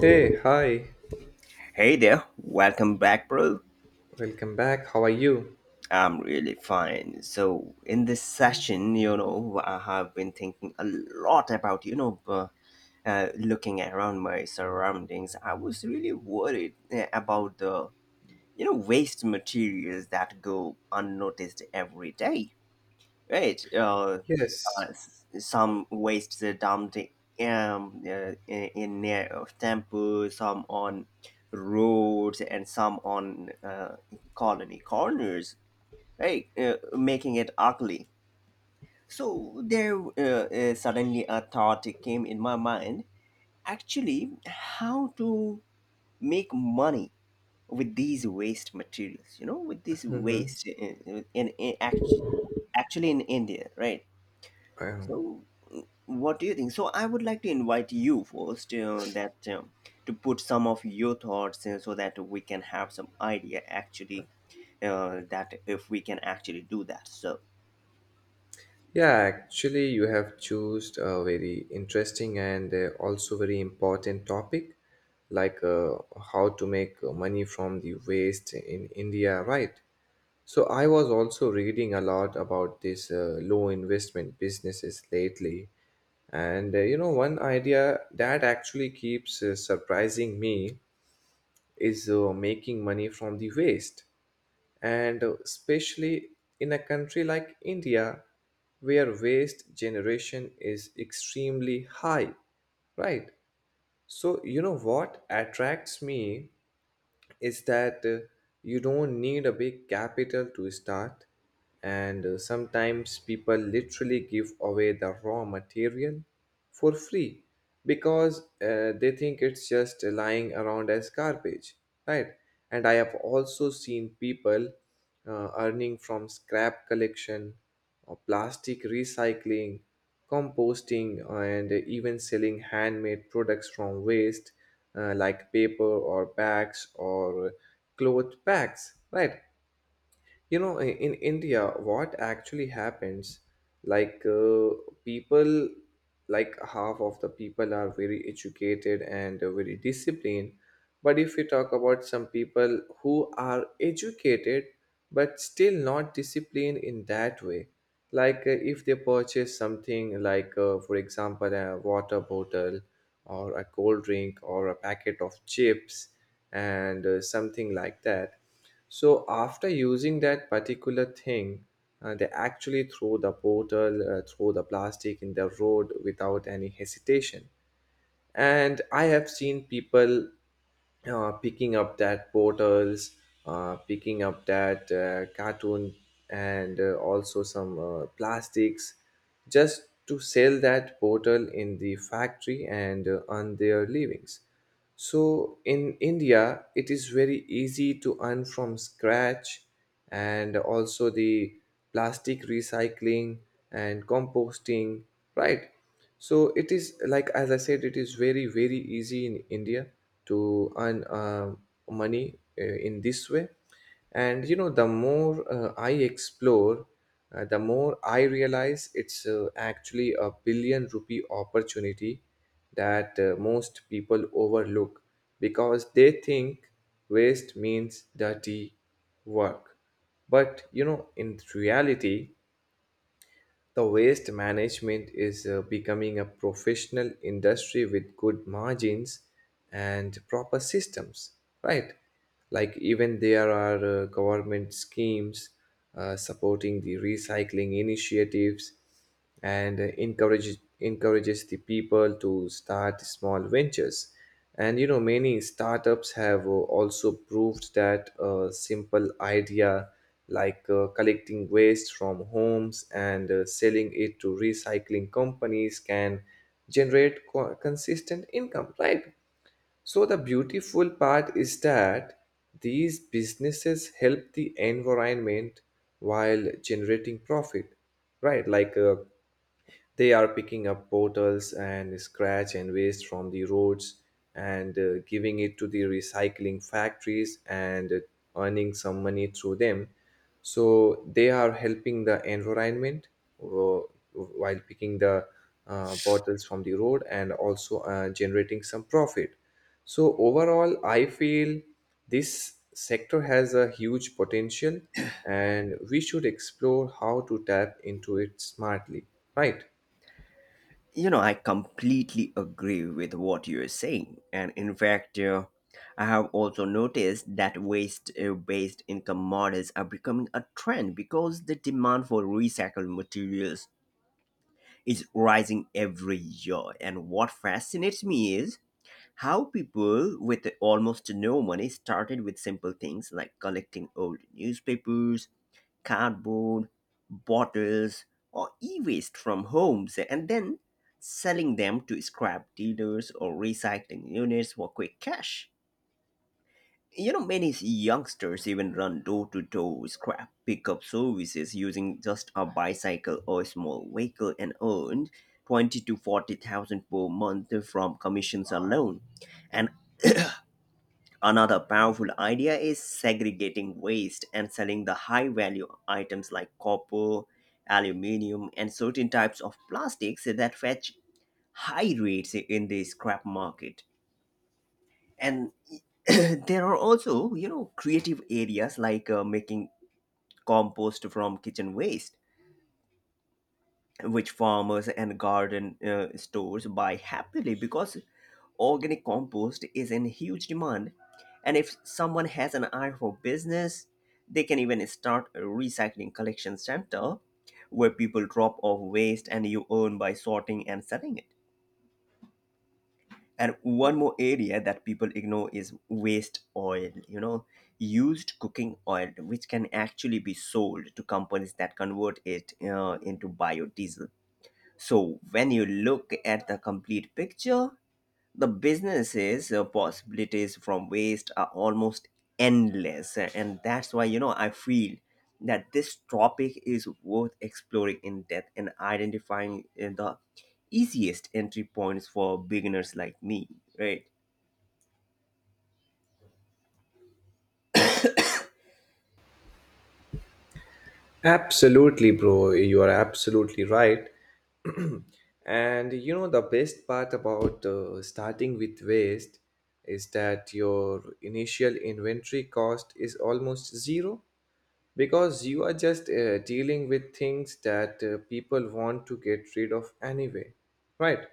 Hey, hi. Hey there, welcome back, bro. Welcome back. How are you? I'm really fine. So, in this session, I have been thinking a lot about, looking around my surroundings. I was really worried about the waste materials that go unnoticed every day, right? Yes. Some waste the dumped in a temple, some on roads, and some on colony corners, right? Making it ugly. So there suddenly a thought came in my mind. Actually, how to make money with these waste materials? You know, with this Mm-hmm. waste in actually actually in India, right? Um, So what do you think? So I would like to invite you first that to put some of your thoughts in so that we can have some idea actually that if we can actually do that. So yeah, actually, you have chosen a very interesting and also very important topic, like how to make money from the waste in India, right? So I was also reading a lot about this low investment businesses lately, and you know, one idea that actually keeps surprising me is making money from the waste, and especially in a country like India where waste generation is extremely high, right? So, you know what attracts me is that you don't need a big capital to start, and sometimes people literally give away the raw material for free because they think it's just lying around as garbage, right. And I have also seen people earning from scrap collection or plastic recycling, composting, and even selling handmade products from waste, like paper or bags or cloth bags, right? You know, in India what actually happens, like people, like half of the people are very educated and very disciplined, but if we talk about some people who are educated but still not disciplined in that way, like if they purchase something like for example a water bottle or a cold drink or a packet of chips and something like that, so after using that particular thing, they actually throw the bottle, throw the plastic in the road without any hesitation. And I have seen people picking up that portals, picking up that cartoon, and also some plastics, just to sell that portal in the factory and earn their livings. So in India, it is very easy to earn from scratch, and also the plastic recycling and composting, right? So it is like, as I said, it is very, very easy in India to earn money in this way. And you know, the more I explore, the more I realize it's actually a billion rupee opportunity that most people overlook because they think waste means dirty work. But you know, in reality, the waste management is becoming a professional industry with good margins and proper systems, right? Like, even there are government schemes supporting the recycling initiatives and encourages the people to start small ventures. And you know, many startups have also proved that a simple idea like collecting waste from homes and selling it to recycling companies can generate consistent income, right. So the beautiful part is that these businesses help the environment while generating profit, right. Like they are picking up bottles and scratch and waste from the roads and giving it to the recycling factories and earning some money through them. So they are helping the environment uh, while picking the bottles from the road and also generating some profit. So overall, I feel this sector has a huge potential and we should explore how to tap into it smartly, right? you know, I completely agree with what you're saying, and in fact, I have also noticed that waste-based income models are becoming a trend because the demand for recycled materials is rising every year. And what fascinates me is how people with almost no money started with simple things like collecting old newspapers, cardboard, bottles, or e waste from homes and then selling them to scrap dealers or recycling units for quick cash. You know, many youngsters even run door to door scrap pickup services using just a bicycle or a small vehicle and earned 20 to 40,000 per month from commissions alone. And another powerful idea is segregating waste and selling the high value items like copper, aluminium, and certain types of plastics that fetch high rates in the scrap market. And there are also, you know, creative areas like making compost from kitchen waste, which farmers and garden stores buy happily because organic compost is in huge demand, and if someone has an eye for business, they can even start a recycling collection center where people drop off waste and you earn by sorting and selling it. And one more area that people ignore is waste oil, you know, used cooking oil, which can actually be sold to companies that convert it into biodiesel. So when you look at the complete picture, the businesses possibilities from waste are almost endless and that's why you know I feel that this topic is worth exploring in depth and identifying the easiest entry points for beginners like me, right? Absolutely, bro. You are absolutely right. And you know, the best part about starting with waste is that your initial inventory cost is almost zero because you are just dealing with things that people want to get rid of anyway, right?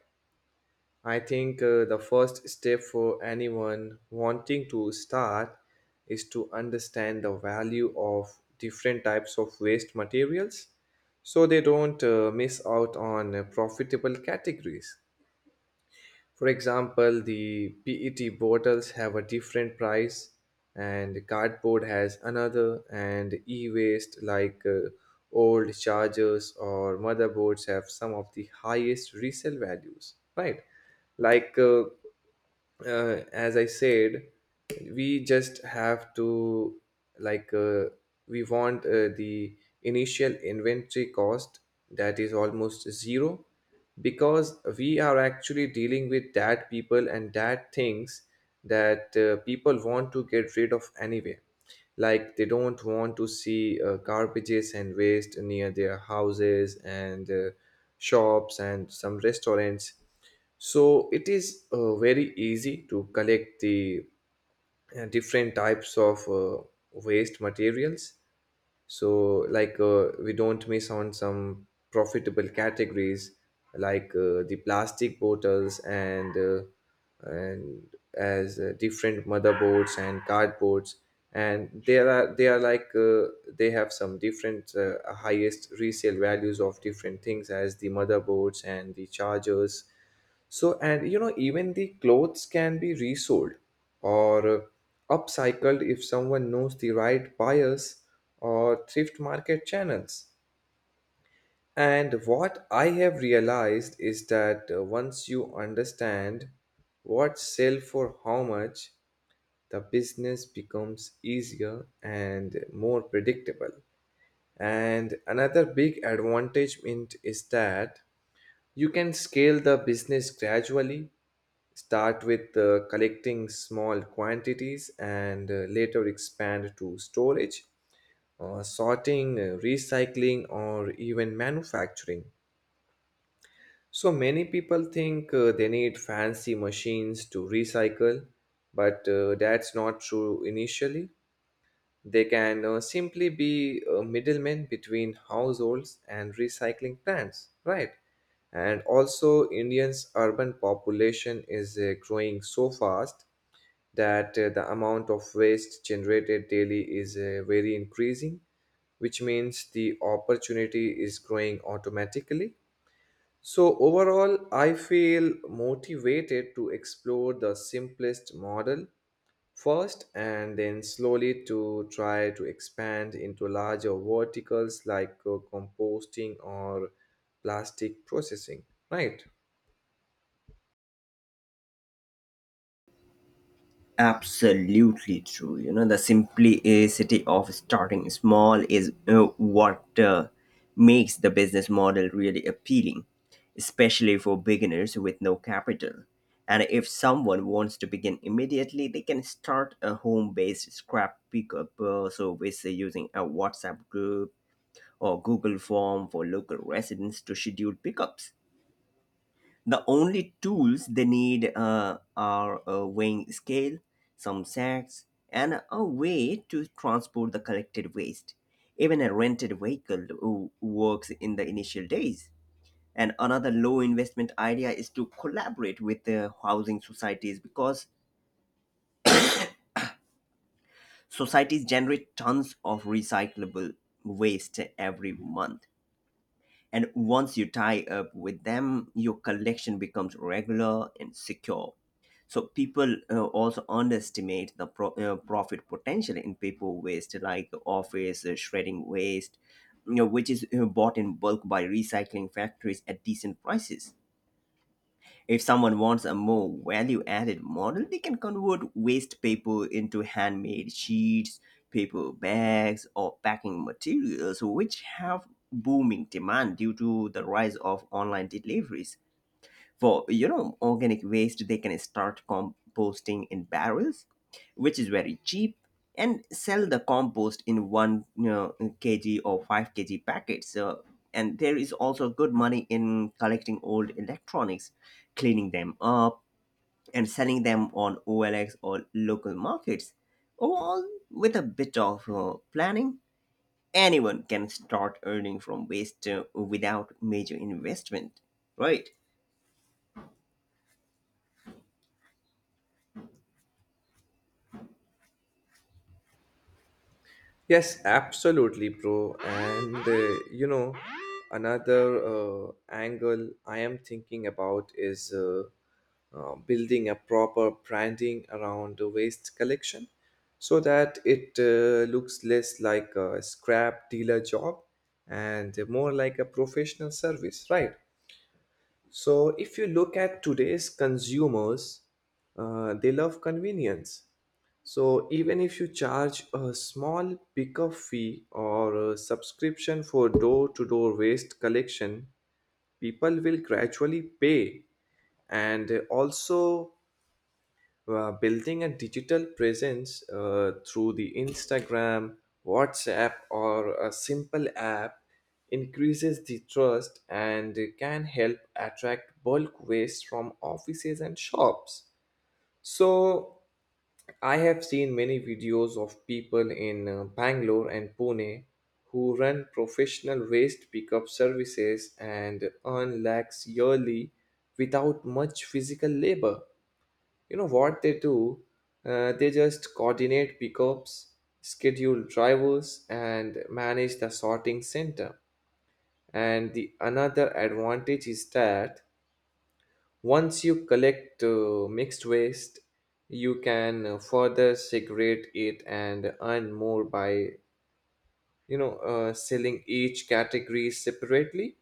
I think the first step for anyone wanting to start is to understand the value of different types of waste materials so they don't miss out on profitable categories. For example, the PET bottles have a different price, and cardboard has another, and e waste like old chargers or motherboards have some of the highest resale values, right? Like as I said, we just have to, like we want the initial inventory cost that is almost zero because we are actually dealing with that people and that things that people want to get rid of anyway, like they don't want to see garbages and waste near their houses and shops and some restaurants. So it is very easy to collect the different types of waste materials. So, like, we don't miss on some profitable categories like the plastic bottles and as different motherboards and cardboards, and there are, they are like they have some different highest resale values of different things as the motherboards and the chargers. So, and you know, even the clothes can be resold or upcycled if someone knows the right buyers or thrift market channels. And what I have realized is that once you understand what sell for how much, the business becomes easier and more predictable. And another big advantage in it is that you can scale the business gradually. Start with collecting small quantities and later expand to storage, sorting, recycling, or even manufacturing. So many people think they need fancy machines to recycle, but that's not true initially. They can simply be a middleman between households and recycling plants, right? And also, Indians' urban population is growing so fast that the amount of waste generated daily is very increasing, which means the opportunity is growing automatically. So, overall, I feel motivated to explore the simplest model first and then slowly to try to expand into larger verticals like composting or plastic processing, right? Absolutely true, you know the simplicity of starting small is what makes the business model really appealing, especially for beginners with no capital. And if someone wants to begin immediately, they can start a home-based scrap pickup service using a WhatsApp group or Google form for local residents to schedule pickups. The only tools they need are a weighing scale, some sacks, and a way to transport the collected waste. Even a rented vehicle works in the initial days. And another low investment idea is to collaborate with the housing societies because societies generate tons of recyclable waste every month. And once you tie up with them, your collection becomes regular and secure. So people also underestimate the profit potential in paper waste, like office shredding waste, you know, which is bought in bulk by recycling factories at decent prices. If someone wants a more value added model, they can convert waste paper into handmade sheets, paper bags, or packing materials, which have booming demand due to the rise of online deliveries. For, you know, organic waste, they can start composting in barrels, which is very cheap, and sell the compost in 1, you know, kg or 5 kg packets. So and there is also good money in collecting old electronics, cleaning them up, and selling them on OLX or local markets. Overall, with a bit of planning, anyone can start earning from waste without major investment, right? Yes, absolutely, bro. And you know, another angle I am thinking about is building a proper branding around the waste collection so that it looks less like a scrap dealer job and more like a professional service, right? So, if you look at today's consumers, they love convenience. So, even if you charge a small pickup fee or a subscription for door to door waste collection, people will gradually pay. And also, building a digital presence through the Instagram, WhatsApp, or a simple app increases the trust and can help attract bulk waste from offices and shops. So, I have seen many videos of people in Bangalore and Pune who run professional waste pickup services and earn lakhs yearly without much physical labor. You know what they do? They just coordinate pickups, schedule drivers, and manage the sorting center. And the another advantage is that once you collect mixed waste, you can further segregate it and earn more by, you know, selling each category separately.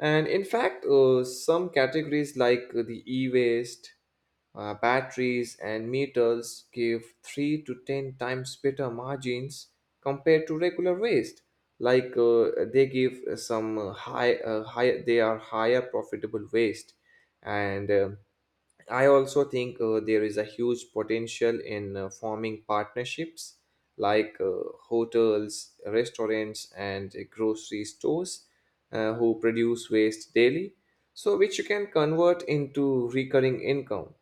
And in fact, some categories like the e waste, batteries, and metals give 3 to 10 times better margins compared to regular waste. Like they give some high, they are higher profitable waste, and I also think there is a huge potential in forming partnerships like hotels, restaurants, and grocery stores who produce waste daily, so which you can convert into recurring income.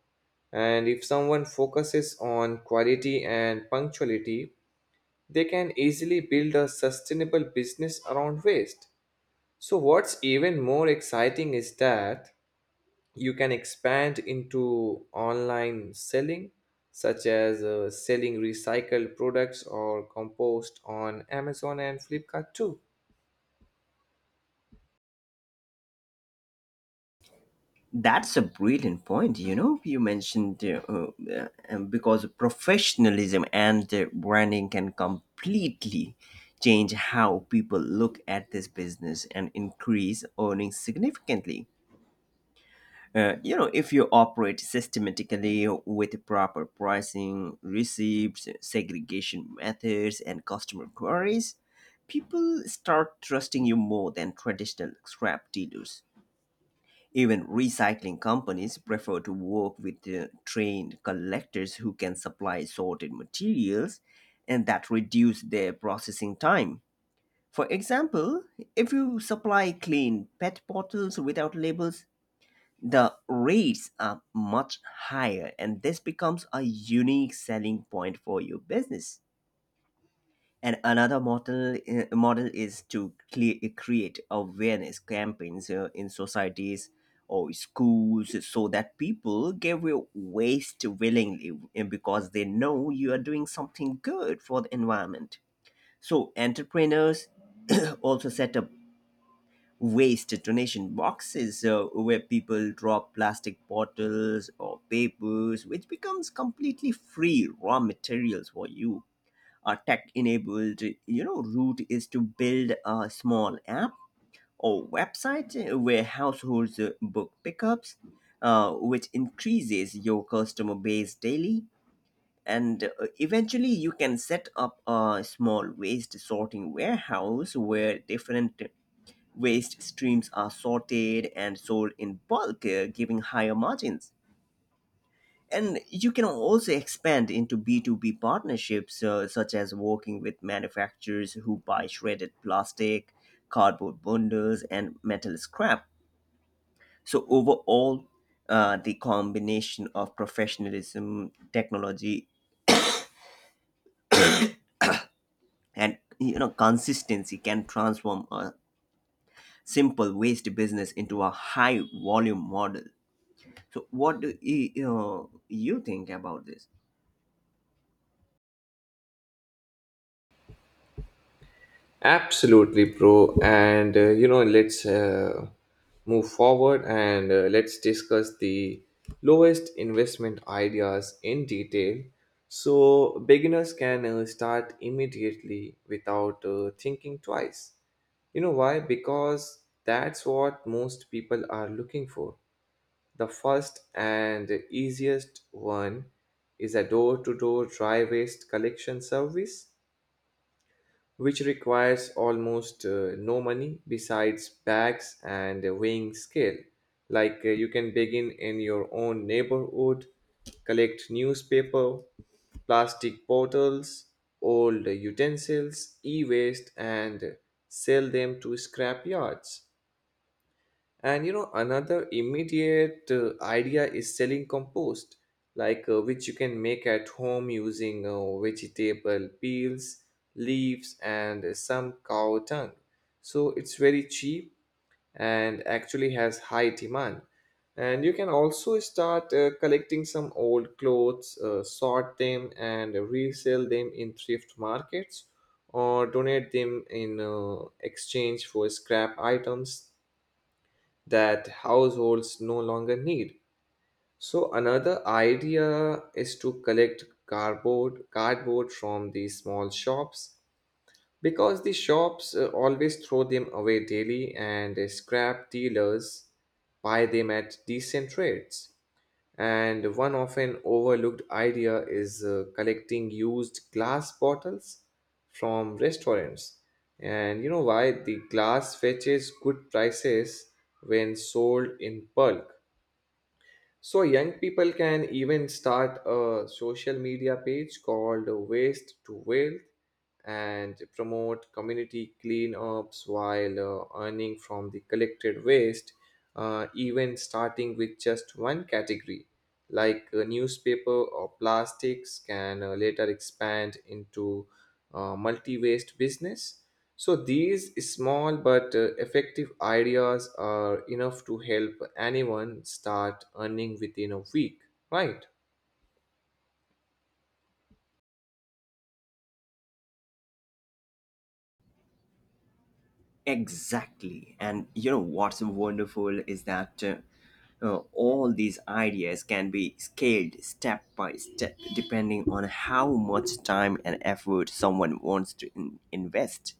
And if someone focuses on quality and punctuality, they can easily build a sustainable business around waste. So, what's even more exciting is that you can expand into online selling, such as selling recycled products or compost on Amazon and Flipkart too. That's a brilliant point. You know, you mentioned because professionalism and branding can completely change how people look at this business and increase earnings significantly. You know, if you operate systematically with proper pricing, receipts, segregation methods, and customer queries, people start trusting you more than traditional scrap dealers. Even recycling companies prefer to work with trained collectors who can supply sorted materials, and that reduce their processing time. For example, if you supply clean PET bottles without labels, the rates are much higher and this becomes a unique selling point for your business. And another model is to create awareness campaigns in societies or schools so that people give away waste willingly and because they know you are doing something good for the environment. So entrepreneurs also set up waste donation boxes where people drop plastic bottles or papers, which becomes completely free raw materials for you. Tech enabled, you know, route is to build a small app or website where households book pickups, which increases your customer base daily. And eventually, you can set up a small waste sorting warehouse where different waste streams are sorted and sold in bulk, giving higher margins. And you can also expand into B2B partnerships such as working with manufacturers who buy shredded plastic, cardboard bundles, and metal scrap. So overall, the combination of professionalism, technology, and you know consistency can transform a simple waste business into a high volume model. So what do you know, you think about this? Absolutely, bro. And you know, let's move forward and let's discuss the lowest investment ideas in detail so beginners can start immediately without thinking twice. You know why? Because that's what most people are looking for. The first and easiest one is a door to door dry waste collection service, which requires almost no money besides bags and a weighing scale. Like you can begin in your own neighborhood, collect newspaper, plastic bottles, old utensils, e waste, and sell them to scrap yards. And you know, another immediate idea is selling compost, like which you can make at home using vegetable peels, leaves, and some cow tongue. So it's very cheap and actually has high demand. And you can also start collecting some old clothes, sort them, and resell them in thrift markets or donate them in exchange for scrap items that households no longer need. So another idea is to collect cardboard from the small shops because the shops always throw them away daily and scrap dealers buy them at decent rates. And one often overlooked idea is collecting used glass bottles from restaurants. And you know why? The glass fetches good prices when sold in bulk. So young people can even start a social media page called Waste to Wealth and promote community cleanups while earning from the collected waste, even starting with just one category. Like newspaper or plastics can later expand into multi waste business. So these small but effective ideas are enough to help anyone start earning within a week, right? Exactly. And you know what's wonderful is that all these ideas can be scaled step by step depending on how much time and effort someone wants to invest.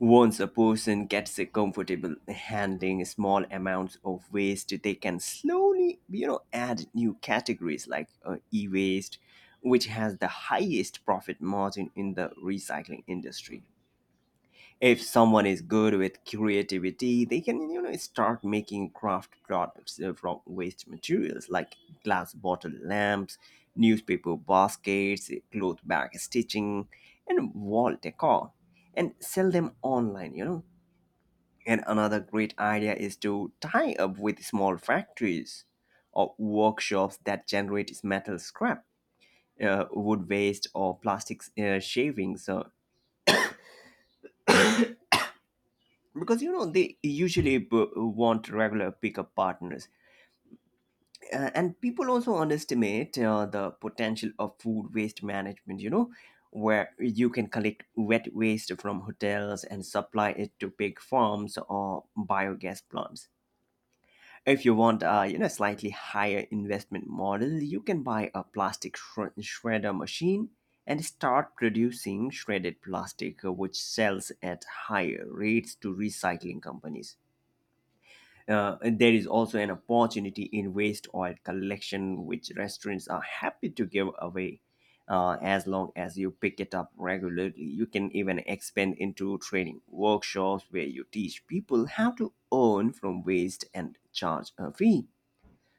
Once a person gets comfortable handling small amounts of waste, they can slowly, you know, add new categories like e-waste, which has the highest profit margin in the recycling industry. If someone is good with creativity, they can you know start making craft products from waste materials like glass bottle lamps, newspaper baskets, cloth bag stitching, and wall decor, and sell them online, you know. And another great idea is to tie up with small factories or workshops that generate metal scrap, wood waste, or plastic shavings, because you know they usually want regular pickup partners. And people also underestimate the potential of food waste management, you know, where you can collect wet waste from hotels and supply it to big farms or biogas plants. If you want a, you know, slightly higher investment model, you can buy a plastic shredder machine and start producing shredded plastic, which sells at higher rates to recycling companies. There is also an opportunity in waste oil collection, which restaurants are happy to give away. As long as you pick it up regularly, you can even expand into training workshops where you teach people how to earn from waste and charge a fee.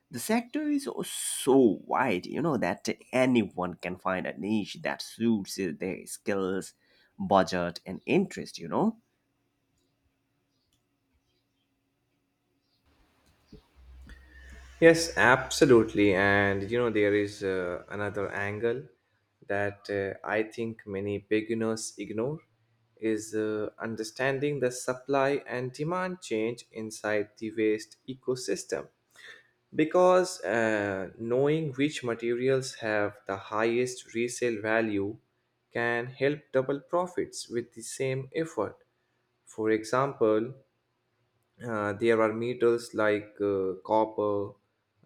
The sector is so wide, you know, that anyone can find a niche that suits their skills, budget, and interest, you know. Yes, absolutely. And there is another angle that I think many beginners ignore is understanding the supply and demand change inside the waste ecosystem. Because knowing which materials have the highest resale value can help double profits with the same effort. For example, there are metals like copper,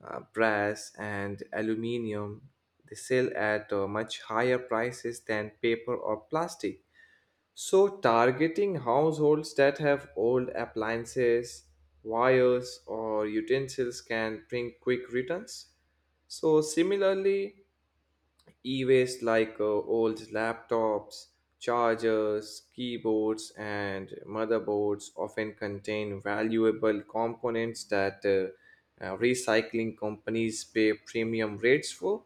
brass, and aluminium. They sell at much higher prices than paper or plastic, so targeting households that have old appliances, wires, or utensils can bring quick returns. So, similarly, e-waste like old laptops, chargers, keyboards, and motherboards often contain valuable components that recycling companies pay premium rates for.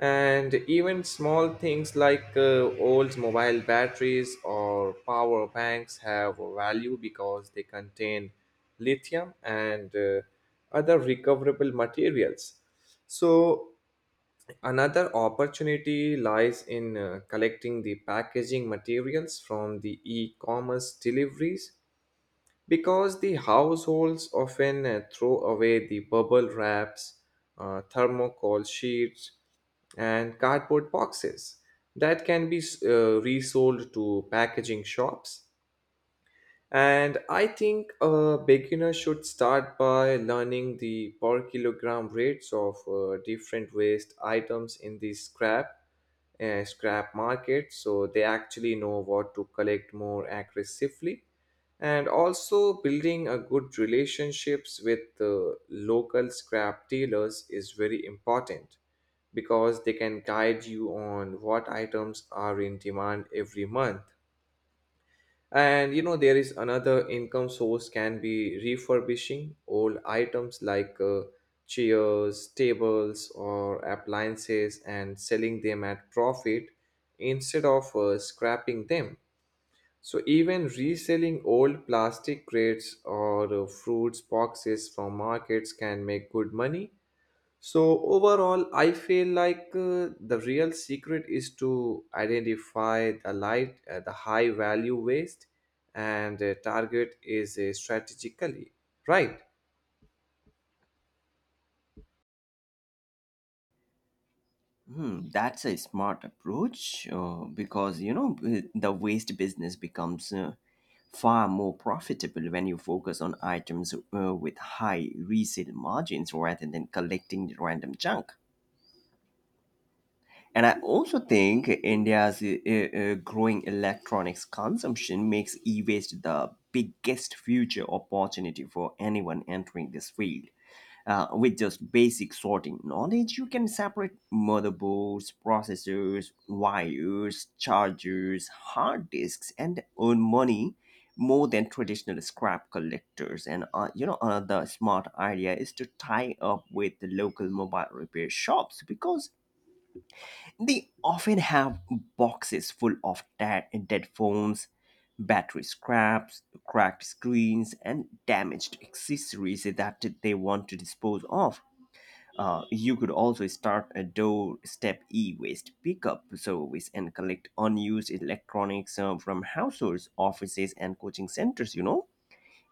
And even small things like old mobile batteries or power banks have value because they contain lithium and other recoverable materials. So, Another opportunity lies in collecting the packaging materials from the e commerce deliveries, because the households often throw away the bubble wraps, thermocol sheets, and cardboard boxes that can be resold to packaging shops. And I think a beginner should start by learning the per kilogram rates of different waste items in the scrap market, so they actually know what to collect more aggressively. And also, building a good relationships with the local scrap dealers is very important, because they can guide you on what items are in demand every month. And there is another income source can be refurbishing old items like chairs, tables, or appliances and selling them at profit instead of scrapping them. So, even reselling old plastic crates or fruits boxes from markets can make good money. So overall, I feel like the real secret is to identify the high value waste, and target is strategically, right. Hmm, that's a smart approach because you know the waste business becomes far more profitable when you focus on items with high resale margins rather than collecting random junk. And I also think India's growing electronics consumption makes e-waste the biggest future opportunity for anyone entering this field. With just basic sorting knowledge, you can separate motherboards, processors, wires, chargers, hard disks, and earn money more than traditional scrap collectors. And you know, another smart idea is to tie up with the local mobile repair shops because they often have boxes full of dead phones, battery scraps, cracked screens, and damaged accessories that they want to dispose of. You could also start a doorstep e-waste pickup service and collect unused electronics from households, offices, and coaching centers, you know.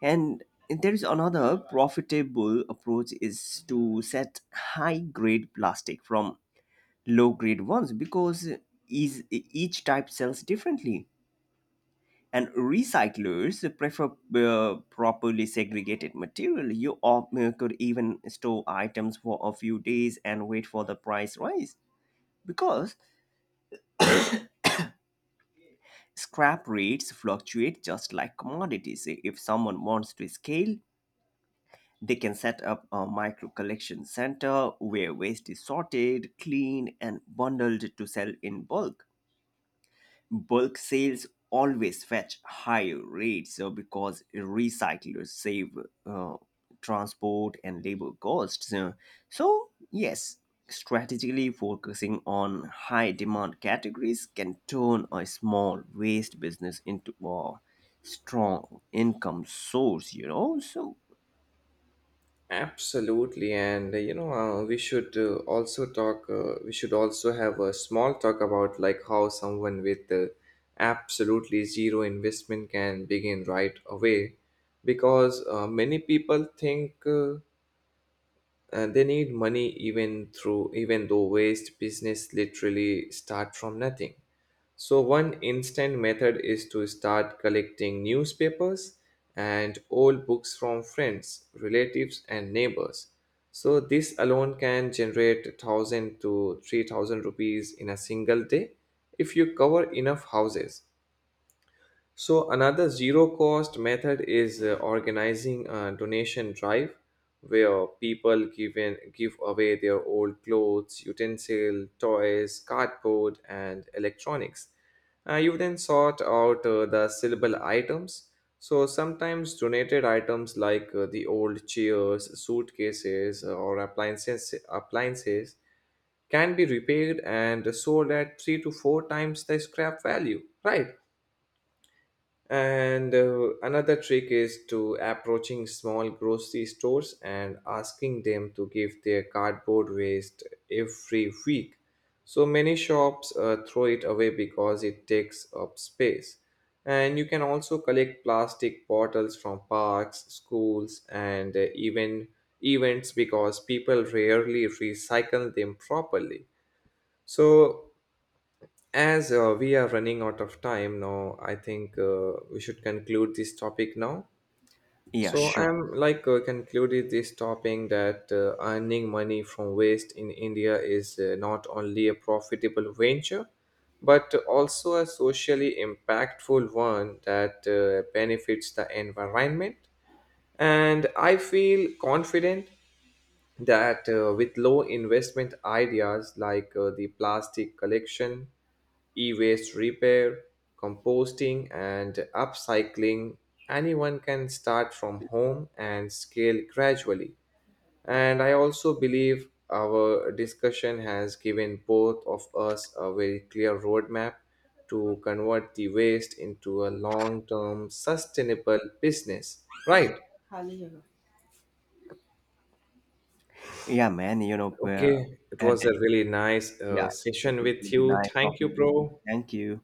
And there is another profitable approach is to set high-grade plastic from low-grade ones because is each type sells differently and recyclers prefer properly segregated material. You could even store items for a few days and wait for the price rise because scrap rates fluctuate just like commodities. If someone wants to scale, they can set up a micro collection center where waste is sorted, cleaned, and bundled to sell in bulk. Bulk sales always fetch higher rates so because recyclers save uh, transport and labor costs. So, yes, strategically focusing on high demand categories can turn a small waste business into a strong income source, you know. So, Absolutely, and we should also talk. We should also have a small talk about like how someone with absolutely zero investment can begin right away, because many people think. And they need money even though waste business literally start from nothing. So one instant method is to start collecting newspapers and old books from friends, relatives, and neighbors. So this alone can generate 1,000 to 3,000 rupees in a single day if you cover enough houses. So, another zero cost method is organizing a donation drive where people give away their old clothes, utensil, toys, cardboard, and electronics. You then sort out the sellable items. So, sometimes donated items like the old chairs, suitcases, or appliances can be repaired and sold at three to four times the scrap value, right? And another trick is to approaching small grocery stores and asking them to give their cardboard waste every week. So many shops throw it away because it takes up space. And you can also collect plastic bottles from parks, schools, and even events, because people rarely recycle them properly. So, as we are running out of time now, I think we should conclude this topic now. yeah, So sure. I'm like concluded this topic that earning money from waste in India is not only a profitable venture, but also a socially impactful one that benefits the environment. And I feel confident that with low investment ideas like the plastic collection, e-waste repair, composting, and upcycling, anyone can start from home and scale gradually. And I also believe our discussion has given both of us a very clear roadmap to convert the waste into a long term sustainable business. Okay, Right. Hallelujah. Yeah, man, Okay. It at was the, a really nice yeah, it session would with be you. nice Thank you, talking with you. bro. Thank you.